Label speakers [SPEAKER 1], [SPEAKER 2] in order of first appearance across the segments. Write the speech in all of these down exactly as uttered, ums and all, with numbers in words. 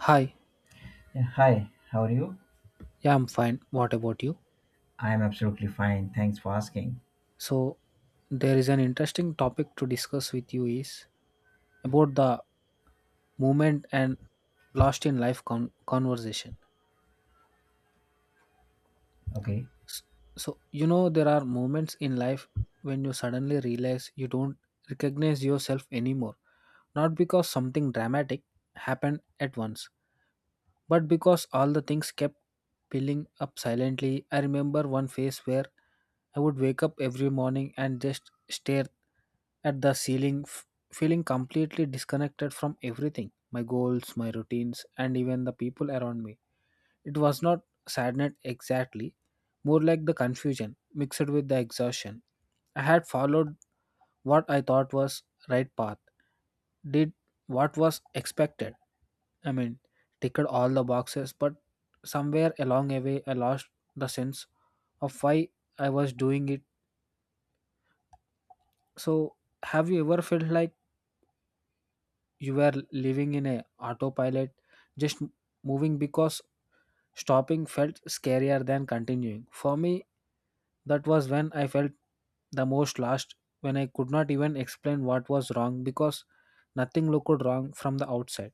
[SPEAKER 1] Hi,
[SPEAKER 2] Yeah, hi, how are you?
[SPEAKER 1] yeah, I'm fine. What about you?
[SPEAKER 2] I'm absolutely fine. Thanks for asking.
[SPEAKER 1] So, there is an interesting topic to discuss with you is about the moment and lost in life con- conversation.
[SPEAKER 2] Okay.
[SPEAKER 1] S- So, you know, there are moments in life when you suddenly realize you don't recognize yourself anymore, not because something dramatic happened at once, but because all the things kept piling up silently. I remember one phase where I would wake up every morning and just stare at the ceiling, f- feeling completely disconnected from everything, my goals, my routines, and even the people around me. It was not sadness exactly, more like the confusion mixed with the exhaustion. I had followed what I thought was right path, did what was expected, I mean, ticked all the boxes, but somewhere along the way, I lost the sense of why I was doing it. So, have you ever felt like you were living in a autopilot, just m- moving because stopping felt scarier than continuing? For me, that was when I felt the most lost, when I could not even explain what was wrong because nothing looked wrong from the outside.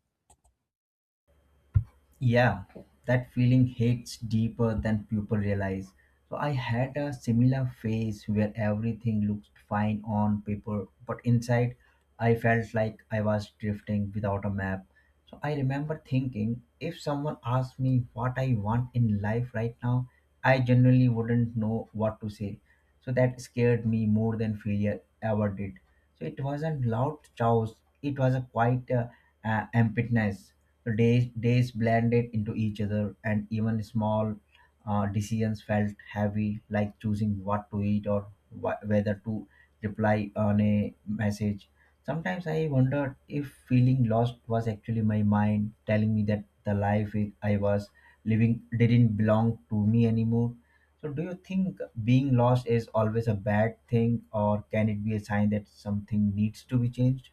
[SPEAKER 2] Yeah, that feeling hits deeper than people realize. So I had a similar phase where everything looked fine on paper, but inside I felt like I was drifting without a map. So I remember thinking if someone asked me what I want in life right now, I genuinely wouldn't know what to say. So that scared me more than failure ever did. So it wasn't loud chaos, it was a quiet uh, uh, emptiness. The days, days blended into each other, and even small uh, decisions felt heavy, like choosing what to eat or wh- whether to reply on a message. Sometimes I wondered if feeling lost was actually my mind telling me that the life I I was living didn't belong to me anymore. So, do you think being lost is always a bad thing, or can it be a sign that something needs to be changed?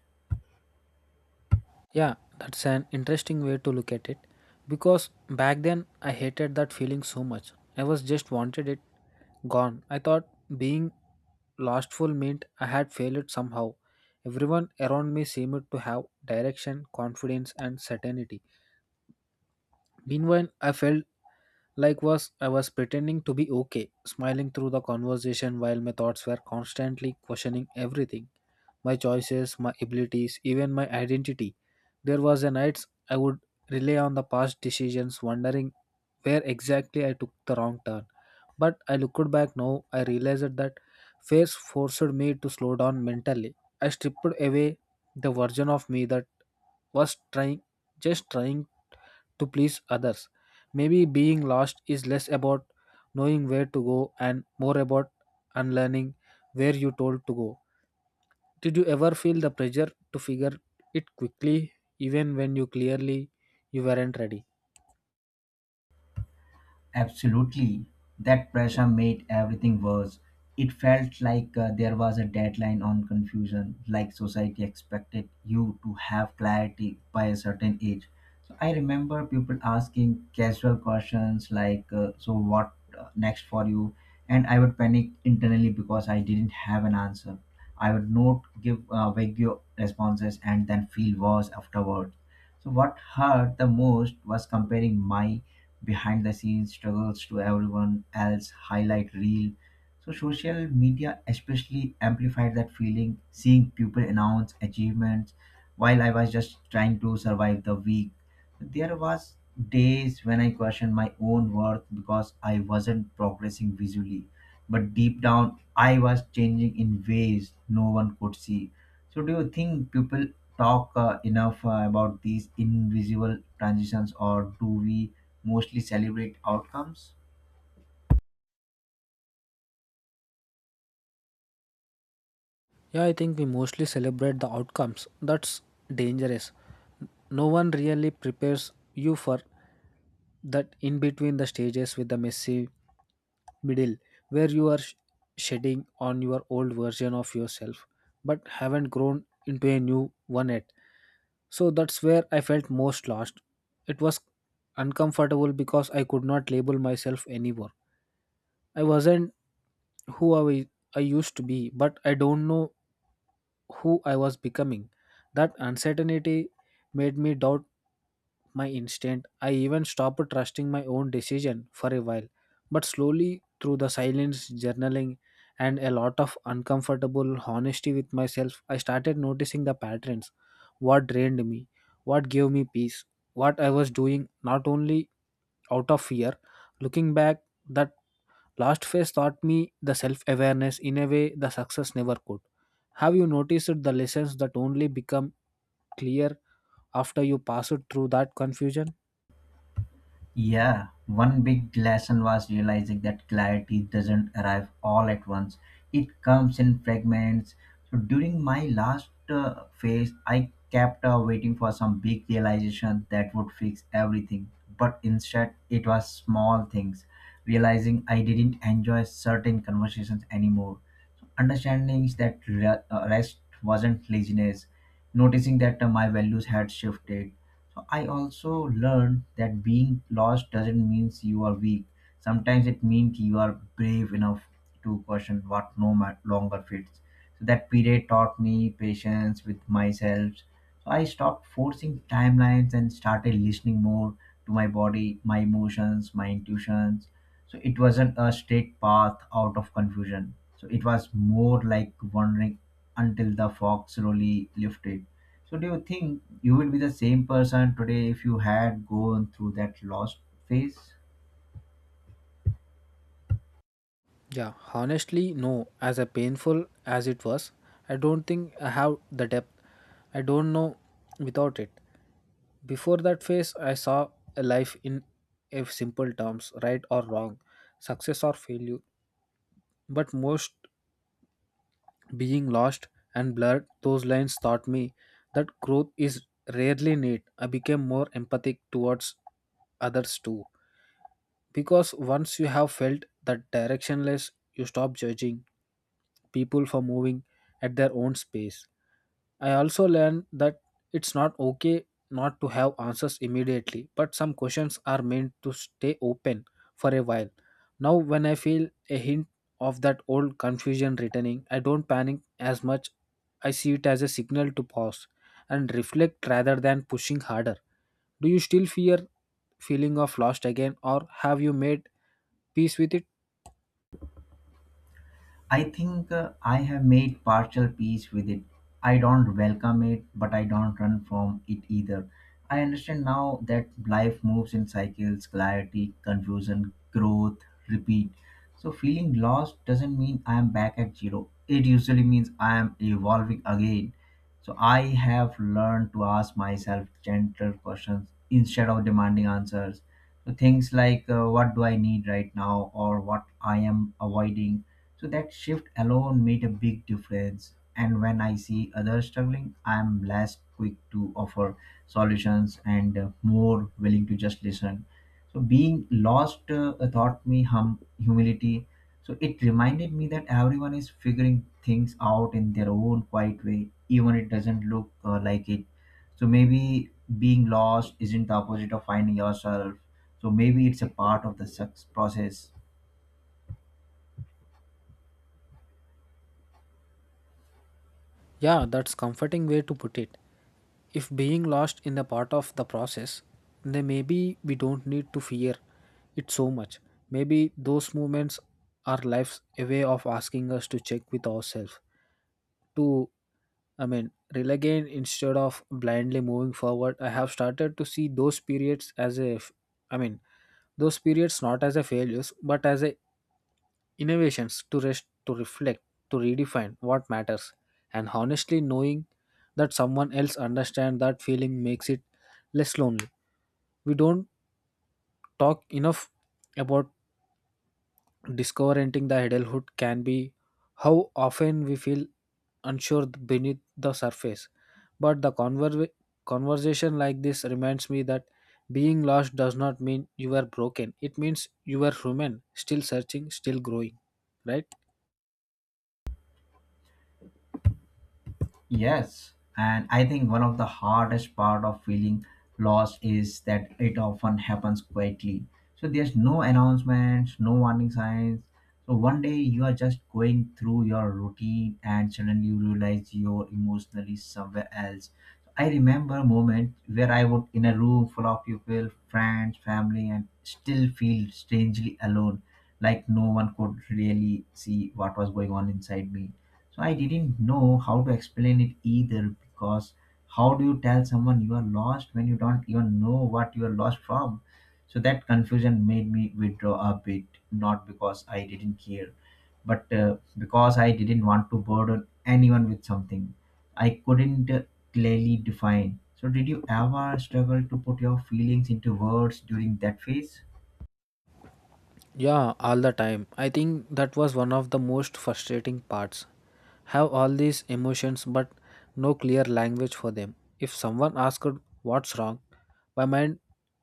[SPEAKER 1] Yeah, that's an interesting way to look at it because back then I hated that feeling so much. I was just wanted it gone. I thought being lostful meant I had failed somehow. Everyone around me seemed to have direction, confidence, and certainty. Meanwhile, I felt like was I was pretending to be okay, smiling through the conversation while my thoughts were constantly questioning everything. My choices, my abilities, even my identity. There was a nights I would rely on the past decisions, wondering where exactly I took the wrong turn. But I looked back now, I realized that phase forced me to slow down mentally. I stripped away the version of me that was trying just trying to please others. Maybe being lost is less about knowing where to go and more about unlearning where you told to go. Did you ever feel the pressure to figure it quickly, even when you clearly you weren't ready?
[SPEAKER 2] Absolutely. That pressure made everything worse. It felt like uh, there was a deadline on confusion, like society expected you to have clarity by a certain age. So I remember people asking casual questions like, uh, so what uh, next for you? And I would panic internally because I didn't have an answer. I would not give uh, vague responses and then feel worse afterward. So what hurt the most was comparing my behind the scenes struggles to everyone else highlight reel. So social media especially amplified that feeling, seeing people announce achievements while I was just trying to survive the week. There was days when I questioned my own worth because I wasn't progressing visually, but deep down I was changing in ways no one could see. So, do you think people talk uh, enough uh, about these invisible transitions, or do we mostly celebrate outcomes?
[SPEAKER 1] Yeah, I think we mostly celebrate the outcomes. That's dangerous. No one really prepares you for that in between the stages with the messy middle where you are sh- shedding on your old version of yourself but haven't grown into a new one yet. So that's where I felt most lost. It was uncomfortable because I could not label myself anymore. I wasn't who I, I used to be, but I don't know who I was becoming. That uncertainty made me doubt my instinct. I even stopped trusting my own decision for a while. But slowly, through the silence, journaling, and a lot of uncomfortable honesty with myself, I started noticing the patterns, what drained me, what gave me peace, what I was doing not only out of fear. Looking back, that last phase taught me the self awareness in a way the success never could. Have you noticed the lessons that only become clear after you pass it through that confusion?
[SPEAKER 2] Yeah, one big lesson was realizing that clarity doesn't arrive all at once. It comes in fragments. So during my last uh, phase, I kept uh, waiting for some big realization that would fix everything. But instead, it was small things. Realizing I didn't enjoy certain conversations anymore. So understanding that re- uh, rest wasn't laziness. Noticing that uh, my values had shifted. So I also learned that being lost doesn't mean you are weak. Sometimes it means you are brave enough to question what no ma- longer fits. So that period taught me patience with myself. So I stopped forcing timelines and started listening more to my body, my emotions, my intuitions. So it wasn't a straight path out of confusion. So it was more like wandering until the fog slowly lifted. So do you think you will be the same person today if you had gone through that lost phase?
[SPEAKER 1] Yeah, honestly, no. As a painful as it was, I don't think I have the depth. I don't know without it. Before that phase, I saw a life in a simple terms, right or wrong, success or failure. But most being lost and blurred, those lines taught me that growth is rarely neat. I became more empathic towards others too. Because once you have felt that directionless, you stop judging people for moving at their own space. I also learned that it's not okay not to have answers immediately, but some questions are meant to stay open for a while. Now, when I feel a hint of that old confusion returning, I don't panic as much. I see it as a signal to pause and reflect rather than pushing harder. Do you still fear feeling of lost again or have you made peace with it?
[SPEAKER 2] I think uh, I have made partial peace with it. I don't welcome it, but I don't run from it either. I understand now that life moves in cycles: clarity, confusion, growth, repeat. So, feeling lost doesn't mean I am back at zero. It usually means I am evolving again. So, I have learned to ask myself gentle questions instead of demanding answers. So, things like uh, what do I need right now, or what I am avoiding. So that shift alone made a big difference. And when I see others struggling, I'm less quick to offer solutions and uh, more willing to just listen. So being lost uh, taught me hum- humility. So it reminded me that everyone is figuring things out in their own quiet way, even it doesn't look uh, like it. So maybe being lost isn't the opposite of finding yourself. So maybe it's a part of the success process.
[SPEAKER 1] Yeah, that's comforting way to put it. If being lost in the part of the process, then maybe we don't need to fear it so much. Maybe those moments are life's a way of asking us to check with ourselves to, i mean rely again instead of blindly moving forward. I have started to see those periods as a f- i mean those periods not as a failures but as a innovations to rest, to reflect, to redefine what matters. And honestly, knowing that someone else understands that feeling makes it less lonely. We don't talk enough about discovering the adulthood can be how often we feel unsure beneath the surface, but the conver- conversation like this reminds me that being lost does not mean you are broken, it means you are human, still searching, still growing, right?
[SPEAKER 2] Yes, and I think one of the hardest part of feeling lost is that it often happens quietly. So there's no announcements, no warning signs. So one day you are just going through your routine and suddenly you realize you're emotionally somewhere else. I remember a moment where I was in a room full of people, friends, family, and still feel strangely alone, like no one could really see what was going on inside me. So I didn't know how to explain it either, because how do you tell someone you are lost when you don't even know what you are lost from? So that confusion made me withdraw a bit, not because I didn't care, but uh, because I didn't want to burden anyone with something I couldn't uh, clearly define. So, did you ever struggle to put your feelings into words during that phase?
[SPEAKER 1] Yeah, all the time. I think that was one of the most frustrating parts. Have all these emotions but no clear language for them. If someone asked what's wrong, my mind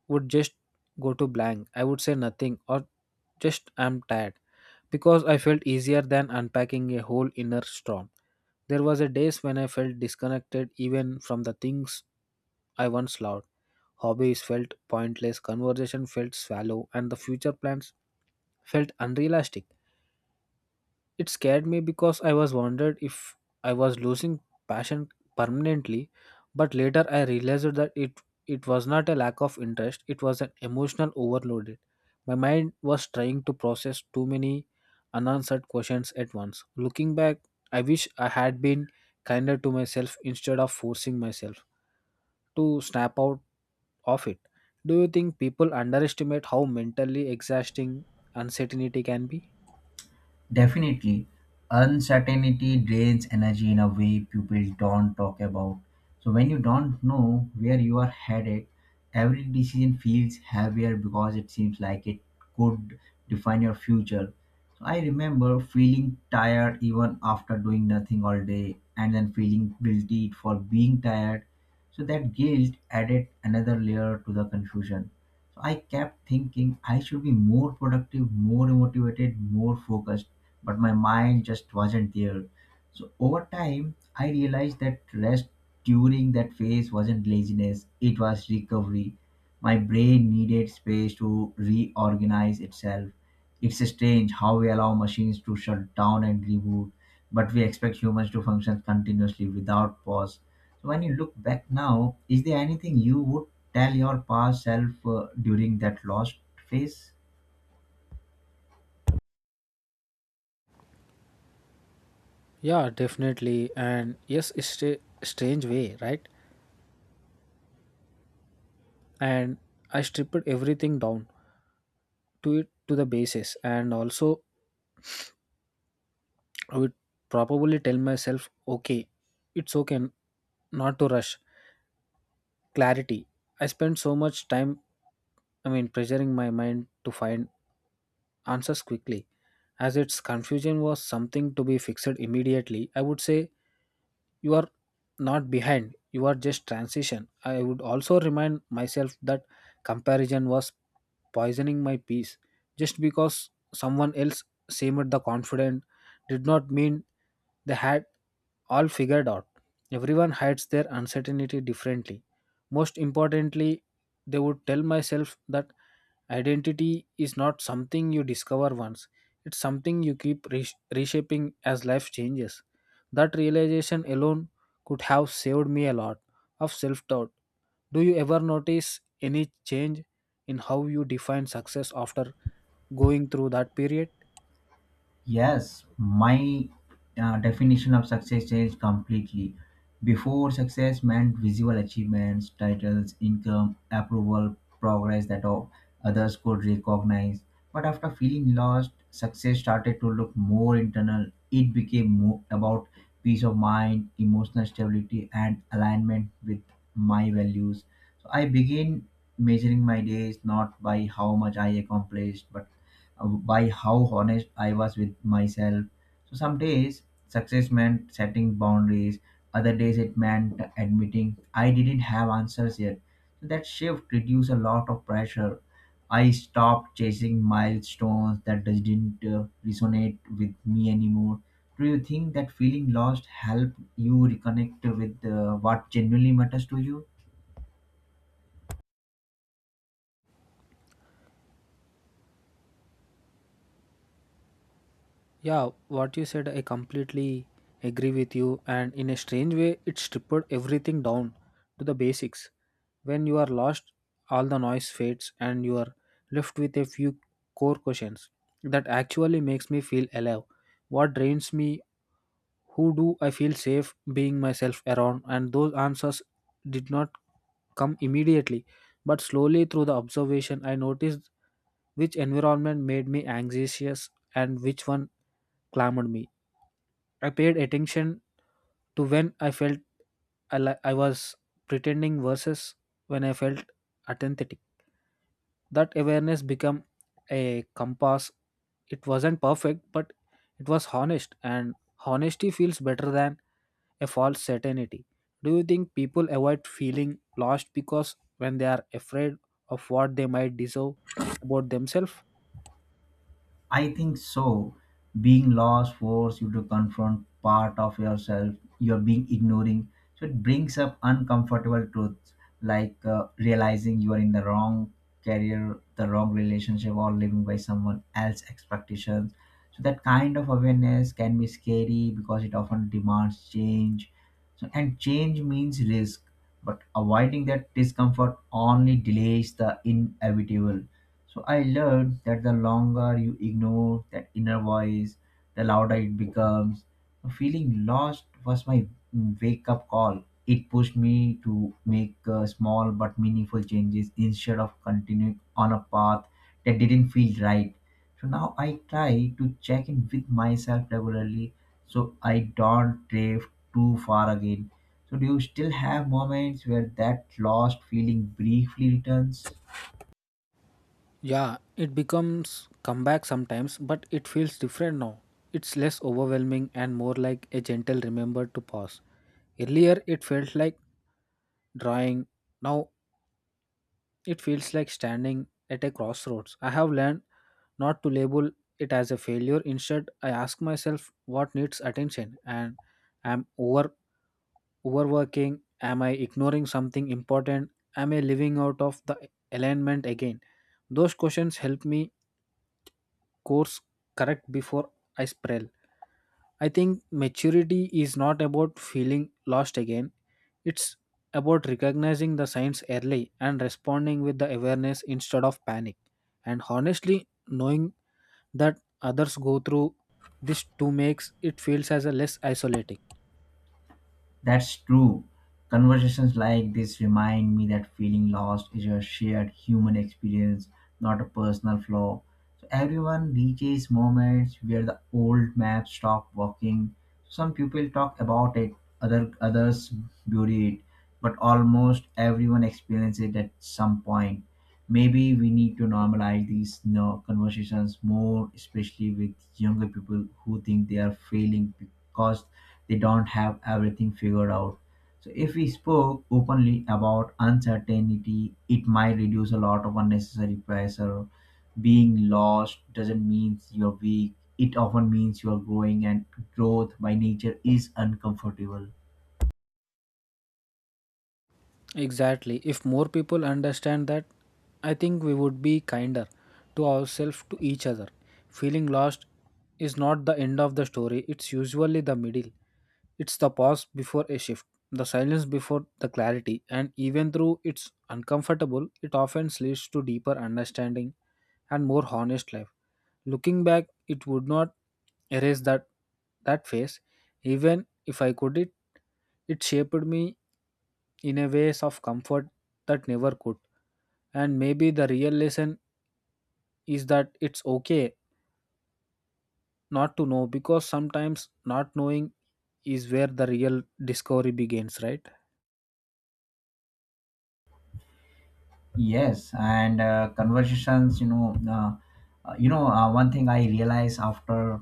[SPEAKER 1] would just go to blank. I would say nothing or just I'm tired because I felt easier than unpacking a whole inner storm. There was a days when I felt disconnected even from the things I once loved. Hobbies felt pointless, conversation felt shallow, and the future plans felt unrealistic. It scared me because I was wondered if I was losing passion permanently, but later I realized that it it was not a lack of interest, it was an emotional overloaded. My mind was trying to process too many unanswered questions at once. Looking back, I wish I had been kinder to myself instead of forcing myself to snap out of it. Do you think people underestimate how mentally exhausting uncertainty can be?
[SPEAKER 2] Definitely, uncertainty drains energy in a way people don't talk about. So, when you don't know where you are headed, every decision feels heavier because it seems like it could define your future. So, I remember feeling tired even after doing nothing all day and then feeling guilty for being tired. So, that guilt added another layer to the confusion. So I kept thinking I should be more productive, more motivated, more focused, but my mind just wasn't there. So over time, I realized that rest during that phase wasn't laziness, it was recovery. My brain needed space to reorganize itself. It's strange how we allow machines to shut down and reboot but we expect humans to function continuously without pause. So when you look back now, is there anything you would tell your past self uh, during that lost phase?
[SPEAKER 1] Yeah, definitely. And yes, it's a strange way, right? And I stripped everything down to it to the basis. And also, I would probably tell myself, okay, it's okay n- not to rush. Clarity. I spent so much time, I mean, pressuring my mind to find answers quickly. As its confusion was something to be fixed immediately, I would say you are not behind, you are just transition. I would also remind myself that comparison was poisoning my peace. Just because someone else seemed the confident did not mean they had all figured out. Everyone hides their uncertainty differently. Most importantly, they would tell myself that identity is not something you discover once, it's something you keep resh- reshaping as life changes. That realization alone could have saved me a lot of self doubt. Do you ever notice any change in how you define success after going through that period?
[SPEAKER 2] Yes, my uh, definition of success changed completely. Before, success meant visual achievements, titles, income, approval, progress that all others could recognize. But after feeling lost, success started to look more internal. It became more about peace of mind, emotional stability, and alignment with my values. So I began measuring my days not by how much I accomplished, but uh, by how honest I was with myself. So some days success meant setting boundaries. Other days it meant admitting I didn't have answers yet. So that shift reduced a lot of pressure. I stopped chasing milestones that just didn't uh, resonate with me anymore. Do you think that feeling lost helped you reconnect with uh, what genuinely matters to you?
[SPEAKER 1] Yeah, what you said, I completely agree with you. And in a strange way, it stripped everything down to the basics. When you are lost, all the noise fades and you are left with a few core questions. That actually makes me feel alive. What drains me? Who do I feel safe being myself around? And those answers did not come immediately, but slowly through the observation, I noticed which environment made me anxious and which one clamored me. I paid attention to when I felt I, li- I was pretending versus when I felt authentic. That awareness became a compass. It wasn't perfect, but it was honest, and honesty feels better than a false certainty. Do you think people avoid feeling lost because when they are afraid of what they might deserve about themselves?
[SPEAKER 2] I think so. Being lost forces you to confront part of yourself you're being ignoring. So it brings up uncomfortable truths, like uh, realizing you are in the wrong career, the wrong relationship, or living by someone else's expectations. So that kind of awareness can be scary because it often demands change. So and change means risk, but avoiding that discomfort only delays the inevitable. So I learned that the longer you ignore that inner voice, the louder it becomes. Feeling lost was my wake up call. It pushed me to make uh, small but meaningful changes instead of continuing on a path that didn't feel right. So now I try to check in with myself regularly so I don't drift too far again. So, do you still have moments where that lost feeling briefly returns?
[SPEAKER 1] Yeah, it becomes comeback sometimes, but it feels different now. It's less overwhelming and more like a gentle remember to pause. Earlier, it felt like drawing. Now, it feels like standing at a crossroads. I have learned not to label it as a failure. Instead, I ask myself what needs attention. And am over overworking? Am I ignoring something important? Am I living out of the alignment again? Those questions help me course correct before I spiral. I think maturity is not about feeling lost again, it's about recognizing the signs early and responding with the awareness instead of panic. And honestly, knowing that others go through this too makes it feels as a less isolating.
[SPEAKER 2] That's true. Conversations like this remind me that feeling lost is a shared human experience, not a personal flaw. So everyone reaches moments where the old maps stop working. Some people talk about it, other others bury it, but almost everyone experiences it at some point. Maybe we need to normalize these you know, conversations more, especially with younger people who think they are failing because they don't have everything figured out. So if we spoke openly about uncertainty, it might reduce a lot of unnecessary pressure. Being lost doesn't mean you're weak. It often means you're growing, and growth by nature is uncomfortable.
[SPEAKER 1] Exactly. If more people understand that, I think we would be kinder to ourselves, to each other. Feeling lost is not the end of the story, it's usually the middle. It's the pause before a shift, the silence before the clarity, and even though it's uncomfortable, it often leads to deeper understanding and more honest life. Looking back, it would not erase that that phase, even if I could it, it shaped me in a ways of comfort that never could. And maybe the real lesson is that it's okay not to know because sometimes not knowing is where the real discovery begins, right?
[SPEAKER 2] Yes, and uh, conversations, you know, uh, uh, you know, uh, one thing I realize after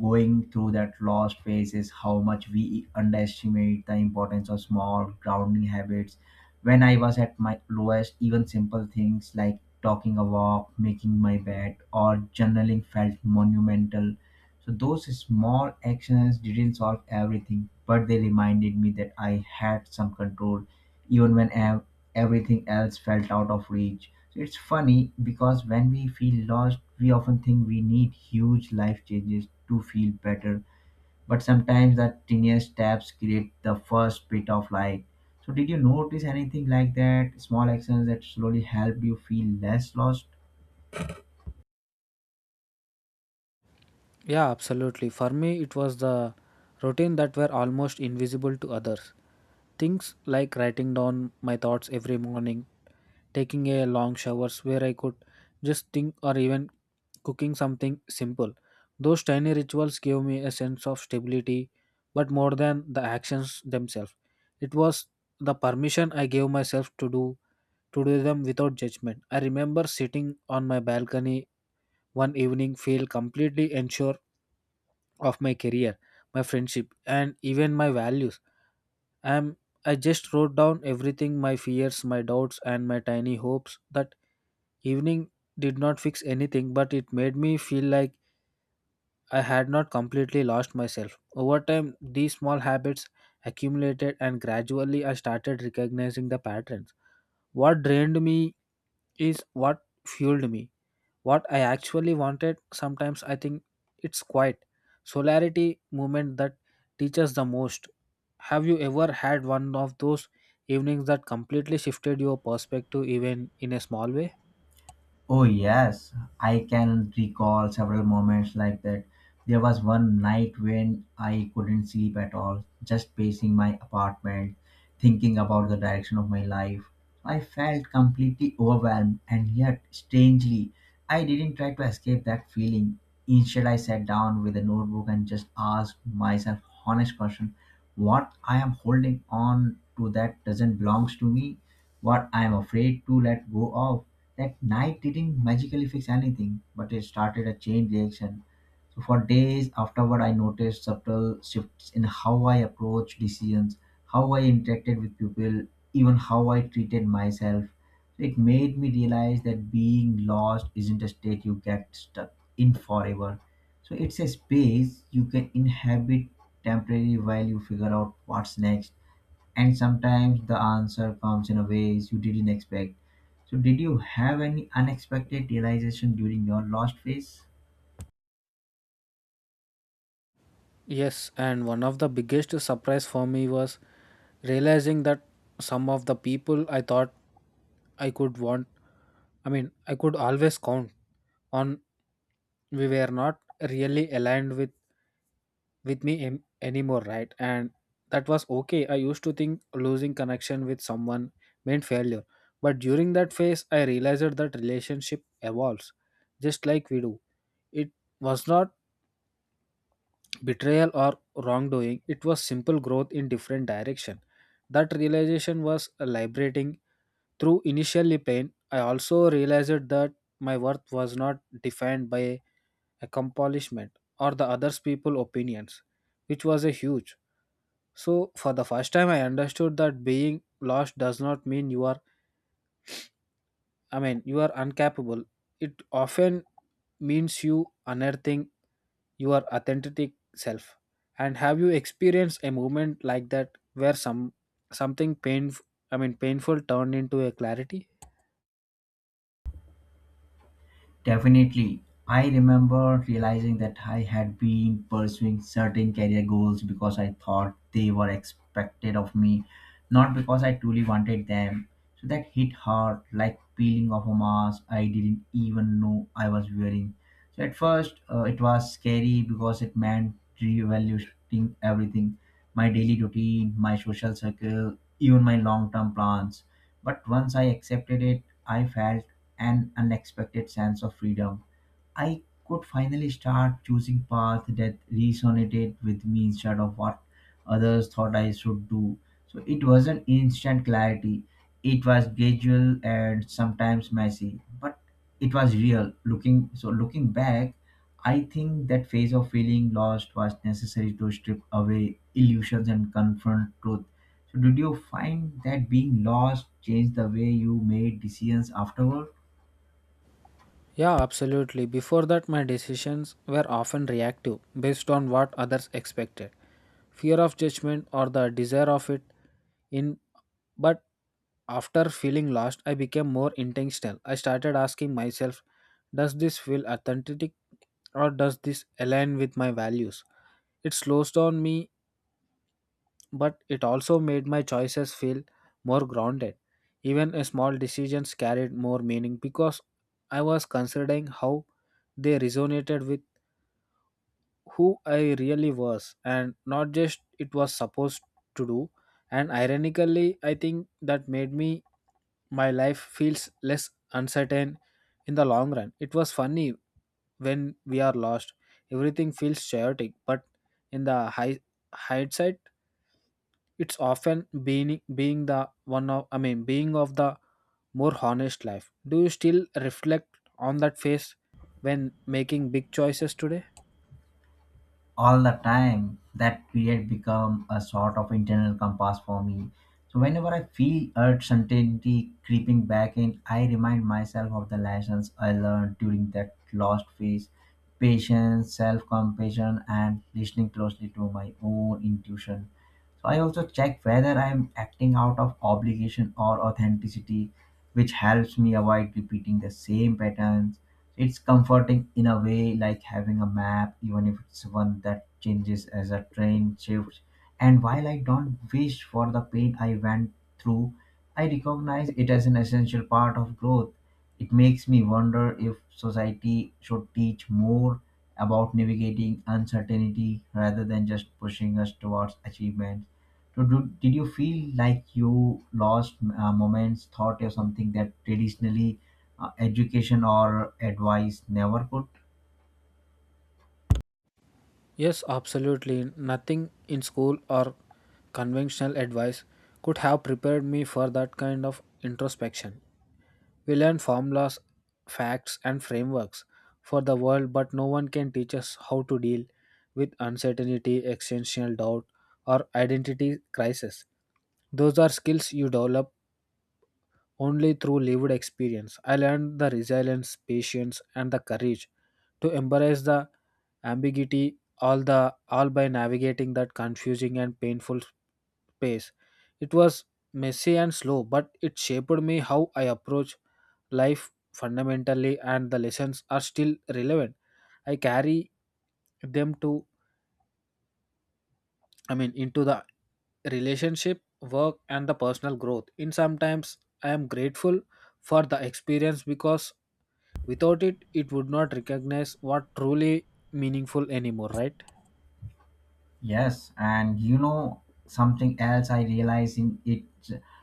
[SPEAKER 2] going through that lost phase is how much we underestimate the importance of small grounding habits. When I was at my lowest, even simple things like talking a walk, making my bed, or journaling felt monumental. So those small actions didn't solve everything, but they reminded me that I had some control even when ev- everything else felt out of reach. So it's funny because when we feel lost, we often think we need huge life changes to feel better, but sometimes the tiniest steps create the first bit of light. So did you notice anything like that? Small actions that slowly help you feel less lost?
[SPEAKER 1] Yeah, absolutely. For me, it was the routine that were almost invisible to others. Things like writing down my thoughts every morning, taking a long showers where I could just think, or even cooking something simple. Those tiny rituals gave me a sense of stability, but more than the actions themselves. It was the permission I gave myself to do to do them without judgment. I remember sitting on my balcony one evening feel completely unsure of my career, my friendship and even my values. I am I just wrote down everything my fears, my doubts and my tiny hopes that Evening did not fix anything, but it made me feel like I had not completely lost myself. Over time, these small habits accumulated, and gradually I started recognizing the patterns. What drained me is what fueled me. What I actually wanted, sometimes I think it's quiet. Solarity moment that teaches the most. Have you ever had one of those evenings that completely shifted your perspective, even in a small way?
[SPEAKER 2] Oh, yes, I can recall several moments like that. There was one night when I couldn't sleep at all, just pacing my apartment, thinking about the direction of my life. I felt completely overwhelmed, and yet, strangely, I didn't try to escape that feeling. Instead, I sat down with a notebook and just asked myself honest question: what I am holding on to that doesn't belong to me, what I'm afraid to let go of. That night didn't magically fix anything, but it started a chain reaction. So for days afterward, I noticed subtle shifts in how I approached decisions, how I interacted with people, even how I treated myself. It made me realize that being lost isn't a state you get stuck in forever. So it's a space you can inhabit temporarily while you figure out what's next, and sometimes the answer comes in a ways you didn't expect. So did you have any unexpected realization during your lost phase?
[SPEAKER 1] Yes, and one of the biggest surprise for me was realizing that some of the people I thought I could want, I mean, I could always count on, we were not really aligned with with me em- anymore, right? And that was okay. I used to think losing connection with someone meant failure, but during that phase, I realized that relationship evolves, just like we do. It was not betrayal or wrongdoing, it was simple growth in different direction. That realization was liberating. Through initially pain, I also realized that my worth was not defined by accomplishment or the others people opinions, which was a huge. So for the first time I understood that being lost does not mean you are i mean you are incapable. It often means you unearthing your authentic self. And have you experienced a moment like that where some something painful, I mean painful, turned into a clarity?
[SPEAKER 2] Definitely. I remember realizing that I had been pursuing certain career goals because I thought they were expected of me, not because I truly wanted them. So that hit hard, like peeling off a mask I didn't even know I was wearing. So at first, uh, it was scary because it meant reevaluating everything, my daily routine, my social circle, even my long term plans. But once I accepted it, I felt an unexpected sense of freedom. I could finally start choosing path that resonated with me instead of what others thought I should do. So it wasn't instant clarity. It was gradual and sometimes messy, but it was real. Looking so looking back, I think that phase of feeling lost was necessary to strip away illusions and confront truth. So did you find that being lost changed the way you made decisions afterward?
[SPEAKER 1] Yeah, absolutely. Before that my decisions were often reactive based on what others expected. Fear of judgment or the desire of it in, but after feeling lost, I became more intentional. I started asking myself, does this feel authentic or does this align with my values? It slows down me, but it also made my choices feel more grounded. Even a small decisions carried more meaning because I was considering how they resonated with who I really was and not just it was supposed to do. And ironically, I think that made me my life feels less uncertain in the long run. It was funny when we are lost. Everything feels chaotic, but in the high hindsight, it's often being being the one of I mean being of the more honest life. Do you still reflect on that phase when making big choices today?
[SPEAKER 2] All the time. That period become a sort of internal compass for me. So whenever I feel uncertainty creeping back in, I remind myself of the lessons I learned during that lost phase: patience, self-compassion, and listening closely to my own intuition. So I also check whether I'm acting out of obligation or authenticity, which helps me avoid repeating the same patterns. It's comforting in a way, like having a map, even if it's one that changes as a train shifts. And while I don't wish for the pain I went through, I recognize it as an essential part of growth. It makes me wonder if society should teach more about navigating uncertainty rather than just pushing us towards achievement. So do, did you feel like you lost uh, moments, thought, or something that traditionally uh, education or advice never could?
[SPEAKER 1] Yes, absolutely. Nothing in school or conventional advice could have prepared me for that kind of introspection. We learn formulas, facts, and frameworks for the world, but no one can teach us how to deal with uncertainty, existential doubt, or identity crisis. Those are skills you develop only through lived experience. I learned the resilience, patience, and the courage to embrace the ambiguity all the all by navigating that confusing and painful space. It was messy and slow, but it shaped me how I approach life fundamentally, and the lessons are still relevant. I carry them to I mean, into the relationship, work, and the personal growth. In sometimes, I am grateful for the experience because without it, it would not recognize what truly meaningful anymore, right?
[SPEAKER 2] Yes, and you know something else I realize in it,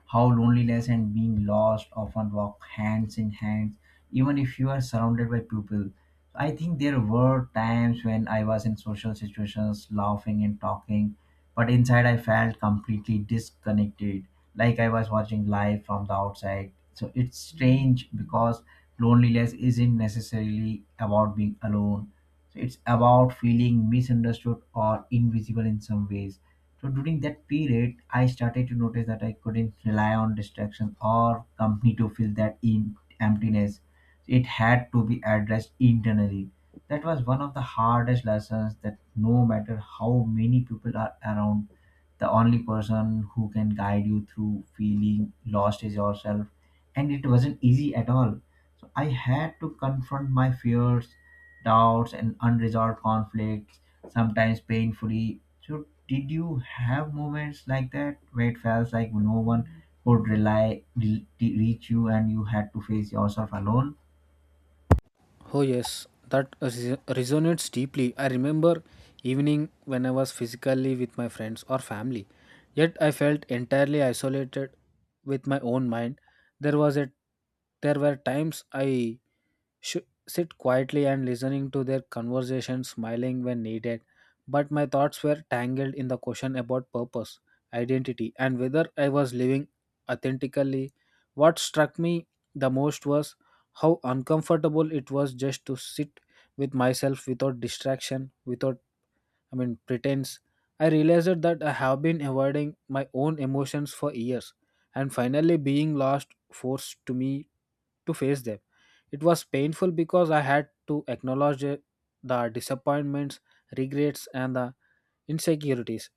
[SPEAKER 2] how loneliness and being lost often walk hands in hands, even if you are surrounded by people. I think there were times when I was in social situations laughing and talking, but inside I felt completely disconnected, like I was watching live from the outside. So it's strange because loneliness isn't necessarily about being alone, so it's about feeling misunderstood or invisible in some ways. So during that period, I started to notice that I couldn't rely on distractions or company to fill that in emptiness. It had to be addressed internally. That was one of the hardest lessons, that no matter how many people are around, the only person who can guide you through feeling lost is yourself. And it wasn't easy at all, so I had to confront my fears, doubts, and unresolved conflicts, sometimes painfully. So, did you have moments like that where it felt like no one could rely re- reach you and you had to face yourself alone?
[SPEAKER 1] Oh, yes, that res- resonates deeply. I remember evening when I was physically with my friends or family, yet I felt entirely isolated with my own mind. There was a There were times I sh- sit quietly and listening to their conversation, smiling when needed. But my thoughts were tangled in the question about purpose, identity, and whether I was living authentically. What struck me the most was how uncomfortable it was just to sit with myself without distraction, without I mean, pretense. I realized that I have been avoiding my own emotions for years, and finally being lost forced to me to face them. It was painful because I had to acknowledge it- the disappointments, regrets, and the insecurities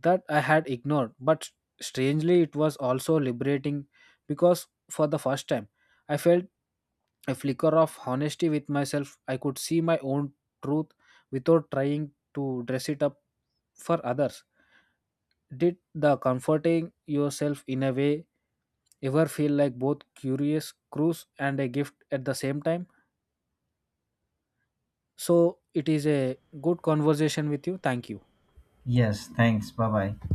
[SPEAKER 1] that I had ignored. But strangely, it was also liberating because for the first time, I felt a flicker of honesty with myself. I could see my own truth without trying to dress it up for others. Did the comforting yourself in a way ever feel like both curious, cruise, and a gift at the same time? So it is a good conversation with you. Thank you.
[SPEAKER 2] Yes, thanks. Bye bye.